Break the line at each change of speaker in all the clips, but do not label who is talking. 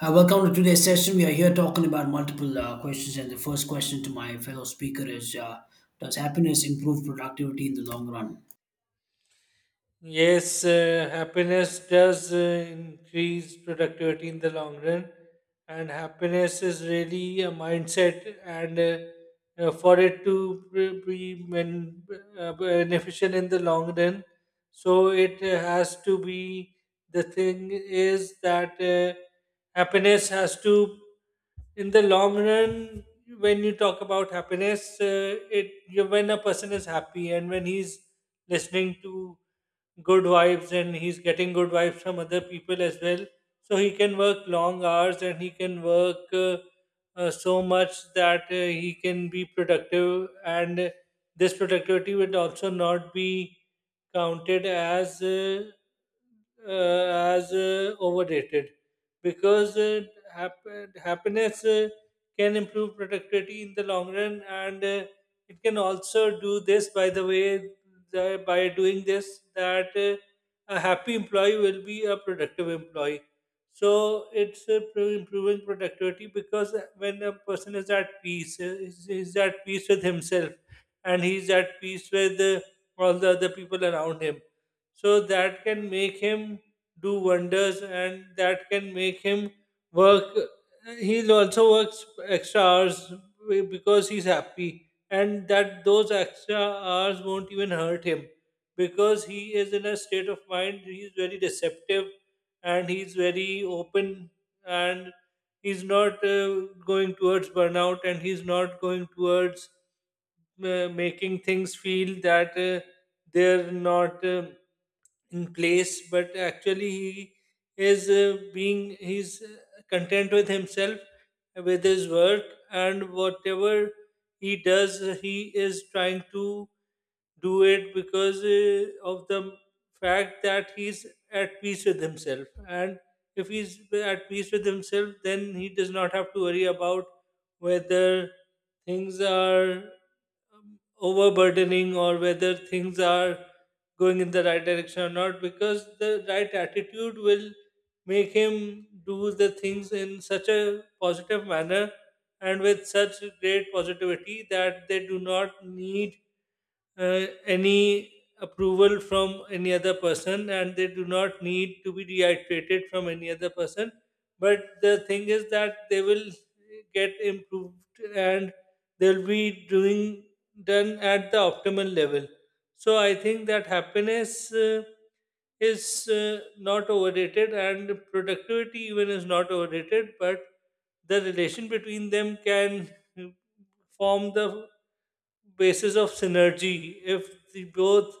Welcome to today's session. We are here talking about multiple questions, and the first question to my fellow speaker is: Does happiness improve productivity in the long run?
Yes, happiness does increase productivity in the long run, and happiness is really a mindset. And For it to be beneficial in the long run, so it has to be the thing is that happiness has to, in the long run, when you talk about happiness, when a person is happy and when he's listening to good vibes and he's getting good vibes from other people as well. So he can work long hours and he can work so much that he can be productive, and this productivity will also not be counted as overrated because hap- happiness can improve productivity in the long run, and it can also do this by the way that by doing this that a happy employee will be a productive employee. So it's improving productivity because when a person is at peace, is at peace with himself and he's at peace with all the other people around him, so that can make him do wonders and that can make him work. He'll also works extra hours because he's happy, and that those extra hours won't even hurt him because he is in a state of mind, he's very receptive and he's very open, and he's not going towards burnout and he's not going towards making things feel that they're not in place, but actually he is being he's content with himself, with his work, and whatever he does, he is trying to do it because of the fact that he's at peace with himself. And if he's at peace with himself, then he does not have to worry about whether things are overburdening or whether things are going in the right direction or not, because the right attitude will make him do the things in such a positive manner and with such great positivity that they do not need any approval from any other person and they do not need to be reiterated from any other person. But the thing is that they will get improved and they'll be doing done at the optimal level. So I think that happiness is not overrated, and productivity even is not overrated, but the relation between them can form the basis of synergy. If the both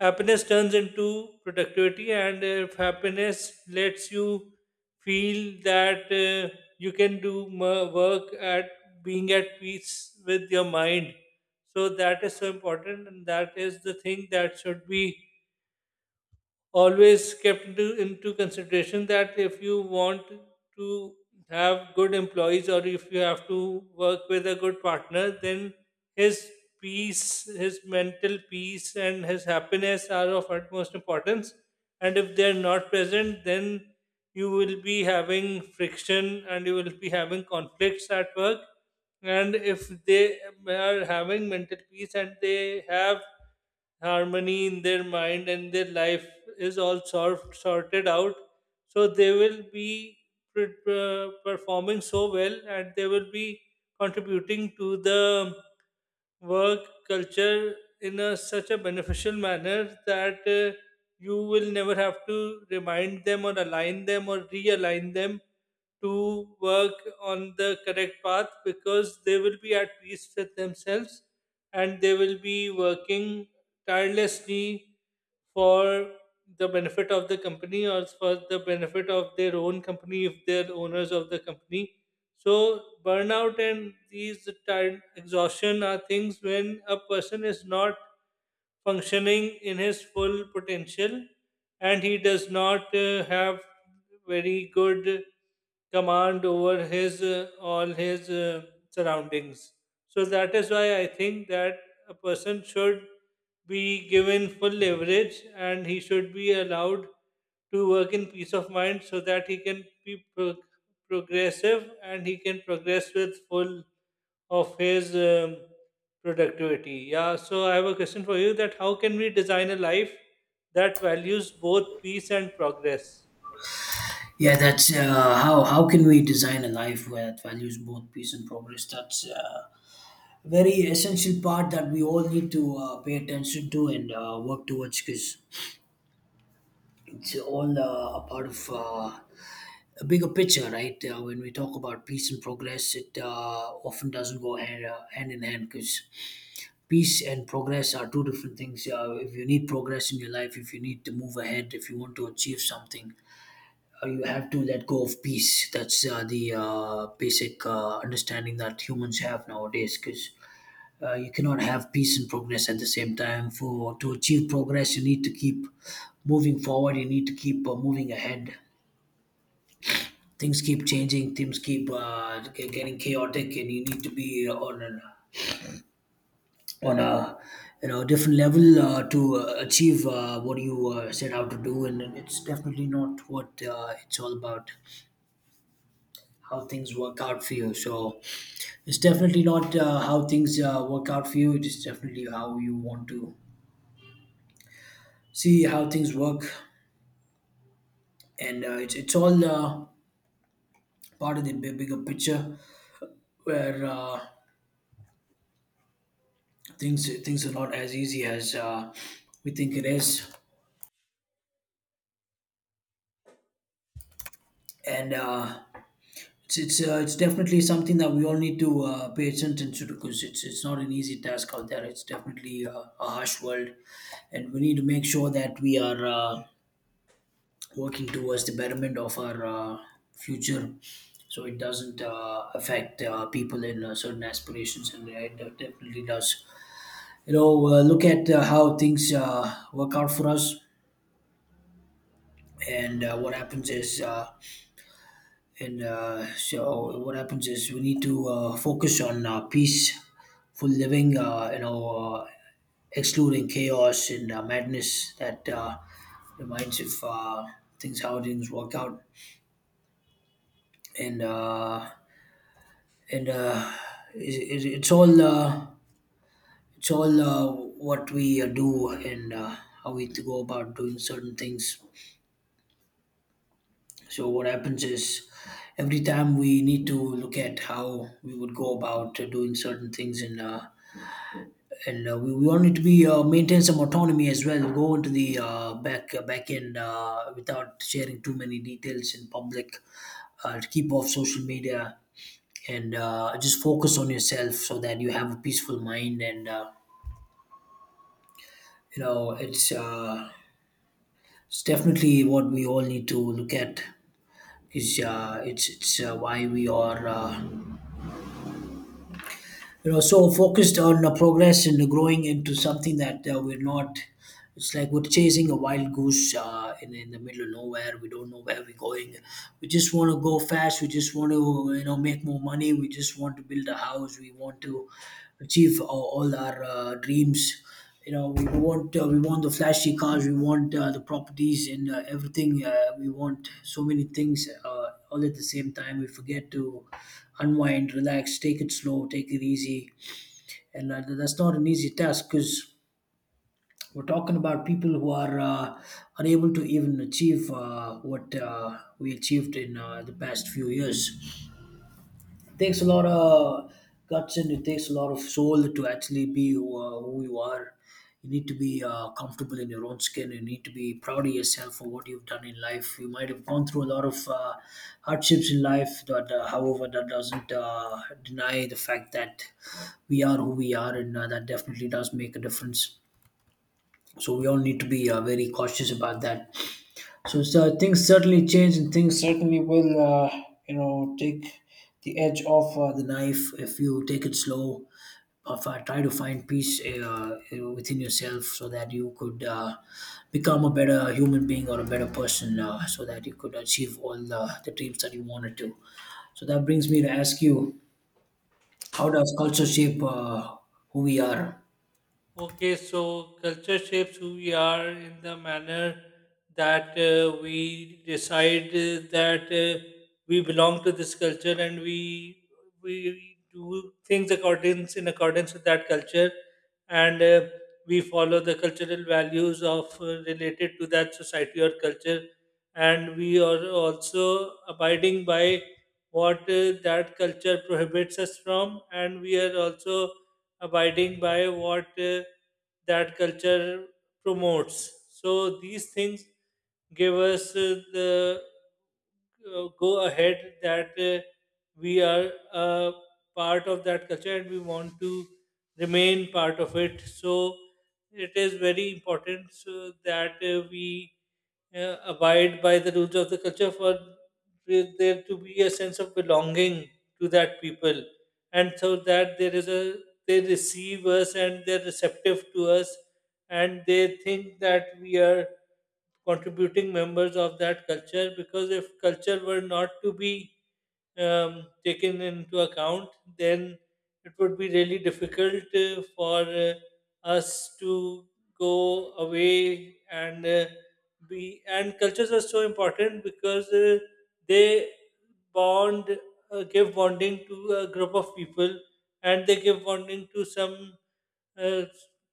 happiness turns into productivity, and if happiness lets you feel that you can work at being at peace with your mind, so that is so important, and that is the thing that should be always kept into consideration, that if you want to have good employees or if you have to work with a good partner, then his peace, his mental peace, and his happiness are of utmost importance. And if they're not present, then you will be having friction and you will be having conflicts at work. And if they are having mental peace and they have harmony in their mind and their life is all solved, sorted out, so they will be performing so well and they will be contributing to the work culture in such a beneficial manner that you will never have to remind them or align them or realign them to work on the correct path because they will be at peace with themselves and they will be working tirelessly for the benefit of the company or for the benefit of their own company if they're owners of the company. So burnout and these tired exhaustion are things when a person is not functioning in his full potential and he does not have very good command over his all his surroundings. So that is why I think that a person should be given full leverage and he should be allowed to work in peace of mind so that he can be progressive and he can progress with full of his productivity. Yeah, so I have a question for you: that how can we design a life that values both peace and progress?
Yeah, that's how. How can we design a life where it values both peace and progress? That's a very essential part that we all need to pay attention to and work towards because it's all a part of a bigger picture, right? When we talk about peace and progress, it often doesn't go hand in hand because peace and progress are two different things. If you need progress in your life, if you need to move ahead, if you want to achieve something, you have to let go of peace. That's the basic understanding that humans have nowadays because you cannot have peace and progress at the same time. For To achieve progress, you need to keep moving forward, you need to keep moving ahead. Things keep changing, things keep getting chaotic, and you need to be on a you know different level to achieve what you set out to do, and it's definitely not what it's all about how things work out for you. So it's definitely not how things work out for you, it is definitely how you want to see how things work. And it's all part of the bigger picture where things are not as easy as we think it is. and uh, it's definitely something that we all need to pay attention to because it's not an easy task out there. It's definitely a harsh world, and we need to make sure that we are working towards the betterment of our future, so it doesn't affect people in certain aspirations, and it definitely does. You know, look at how things work out for us, and what happens is. And so what happens is we need to focus on peaceful living, you know, excluding chaos and madness that reminds if things how things work out. And uh, and it, it, it's all what we do, and how we go about doing certain things. So what happens is every time we need to look at how we would go about doing certain things, and we want it to be maintain some autonomy as well. Go into the back end without sharing too many details in public. To keep off social media and just focus on yourself so that you have a peaceful mind. And you know, it's it's definitely what we all need to look at. Is it's why we are you know so focused on progress and growing into something that we're not. It's like we're chasing a wild goose in the middle of nowhere. We don't know where we're going, we just want to go fast, we just want to, you know, make more money, we just want to build a house, we want to achieve all our dreams. You know, we want the flashy cars, we want the properties, and everything. We want so many things, all at the same time. We forget to unwind, relax, take it slow, take it easy, and that's not an easy task because we're talking about people who are unable to even achieve what we achieved in the past few years. Takes a lot of guts and it takes a lot of soul to actually be who you are. You need to be comfortable in your own skin. You need to be proud of yourself for what you've done in life. You might have gone through a lot of hardships in life, but however, that doesn't deny the fact that we are who we are, and that definitely does make a difference. So we all need to be very cautious about that. So things certainly change, and things certainly will, you know, take the edge off the knife if you take it slow. Try to find peace within yourself, so that you could become a better human being or a better person, so that you could achieve all the dreams that you wanted to. So that brings me to ask you, how does culture shape who we are?
Okay, so culture shapes who we are in the manner that we decide that we belong to this culture and we do things accordance in accordance with that culture, and we follow the cultural values of related to that society or culture, and we are also abiding by what that culture prohibits us from, and we are also abiding by what that culture promotes. So these things give us the go ahead that we are a part of that culture and we want to remain part of it. So it is very important so that we abide by the rules of the culture for there to be a sense of belonging to that people, and so that there is a they receive us and they're receptive to us, and they think that we are contributing members of that culture, because if culture were not to be taken into account, then it would be really difficult for us to go away and be. And cultures are so important because they bond, give bonding to a group of people, and they give bonding to some uh,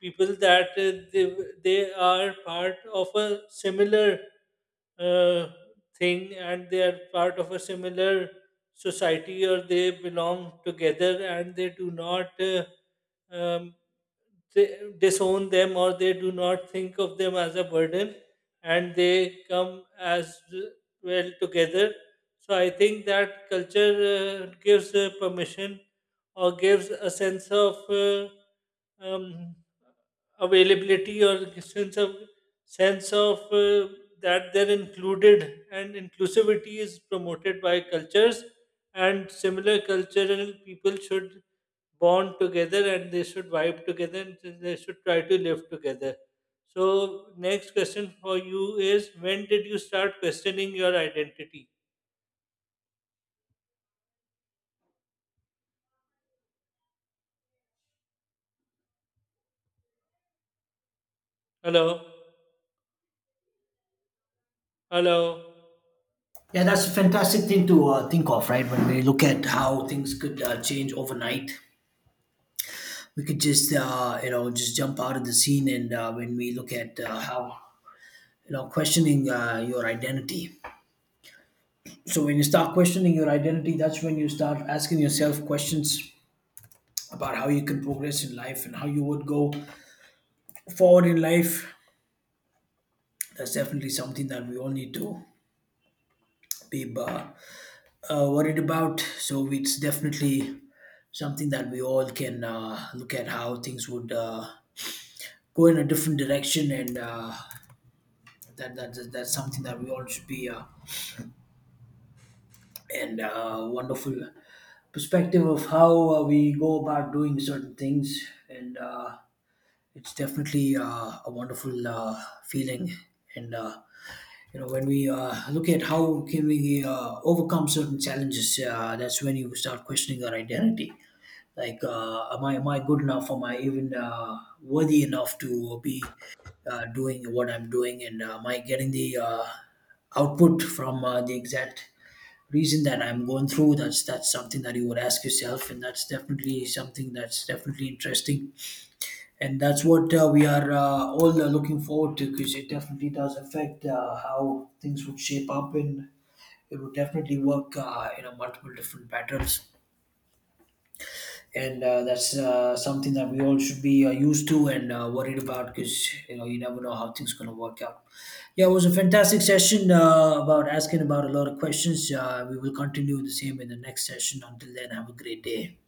people that they are part of a similar uh, thing and they are part of a similar society, or they belong together and they do not um, they disown them, or they do not think of them as a burden and they come as well together. So I think that culture gives permission or gives a sense of um, availability or sense of that they're included, and inclusivity is promoted by cultures, and similar cultural people should bond together and they should vibe together and they should try to live together. So next question for you is: when did you start questioning your identity? Hello? Hello?
Yeah, that's a fantastic thing to think of, right? When we look at how things could change overnight, we could just, you know, just jump out of the scene. And when we look at how, you know, questioning your identity, so when you start questioning your identity, that's when you start asking yourself questions about how you can progress in life and how you would go forward in life. That's definitely something that we all need to be worried about. So it's definitely something that we all can look at how things would go in a different direction. And that's something that we all should be and wonderful perspective of how we go about doing certain things. And it's definitely a wonderful feeling. And you know, when we look at how can we overcome certain challenges, that's when you start questioning our identity, like am I good enough, am I even worthy enough to be doing what I'm doing. And am I getting the output from the exact reason that I'm going through? That's something that you would ask yourself, and that's definitely something that's definitely interesting. And that's what we are all looking forward to, because it definitely does affect how things would shape up, and it would definitely work in a multiple different patterns. And that's something that we all should be used to and worried about, because you know you never know how things going to work out. Yeah, it was a fantastic session about asking about a lot of questions. We will continue the same in the next session. Until then, have a great day.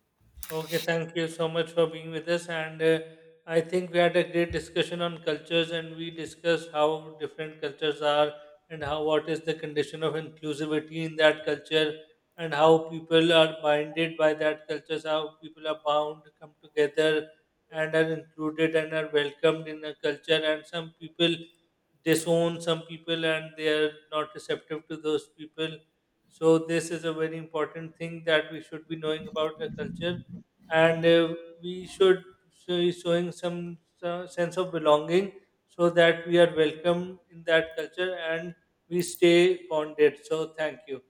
Okay, thank you so much for being with us. And I think we had a great discussion on cultures, and we discussed how different cultures are and how what is the condition of inclusivity in that culture, and how people are binded by that cultures, how people are bound, come together, and are included and are welcomed in a culture. And some people disown some people, and they are not receptive to those people. So this is a very important thing that we should be knowing about a culture. And we should showing some sense of belonging so that we are welcome in that culture and we stay bonded. So thank you.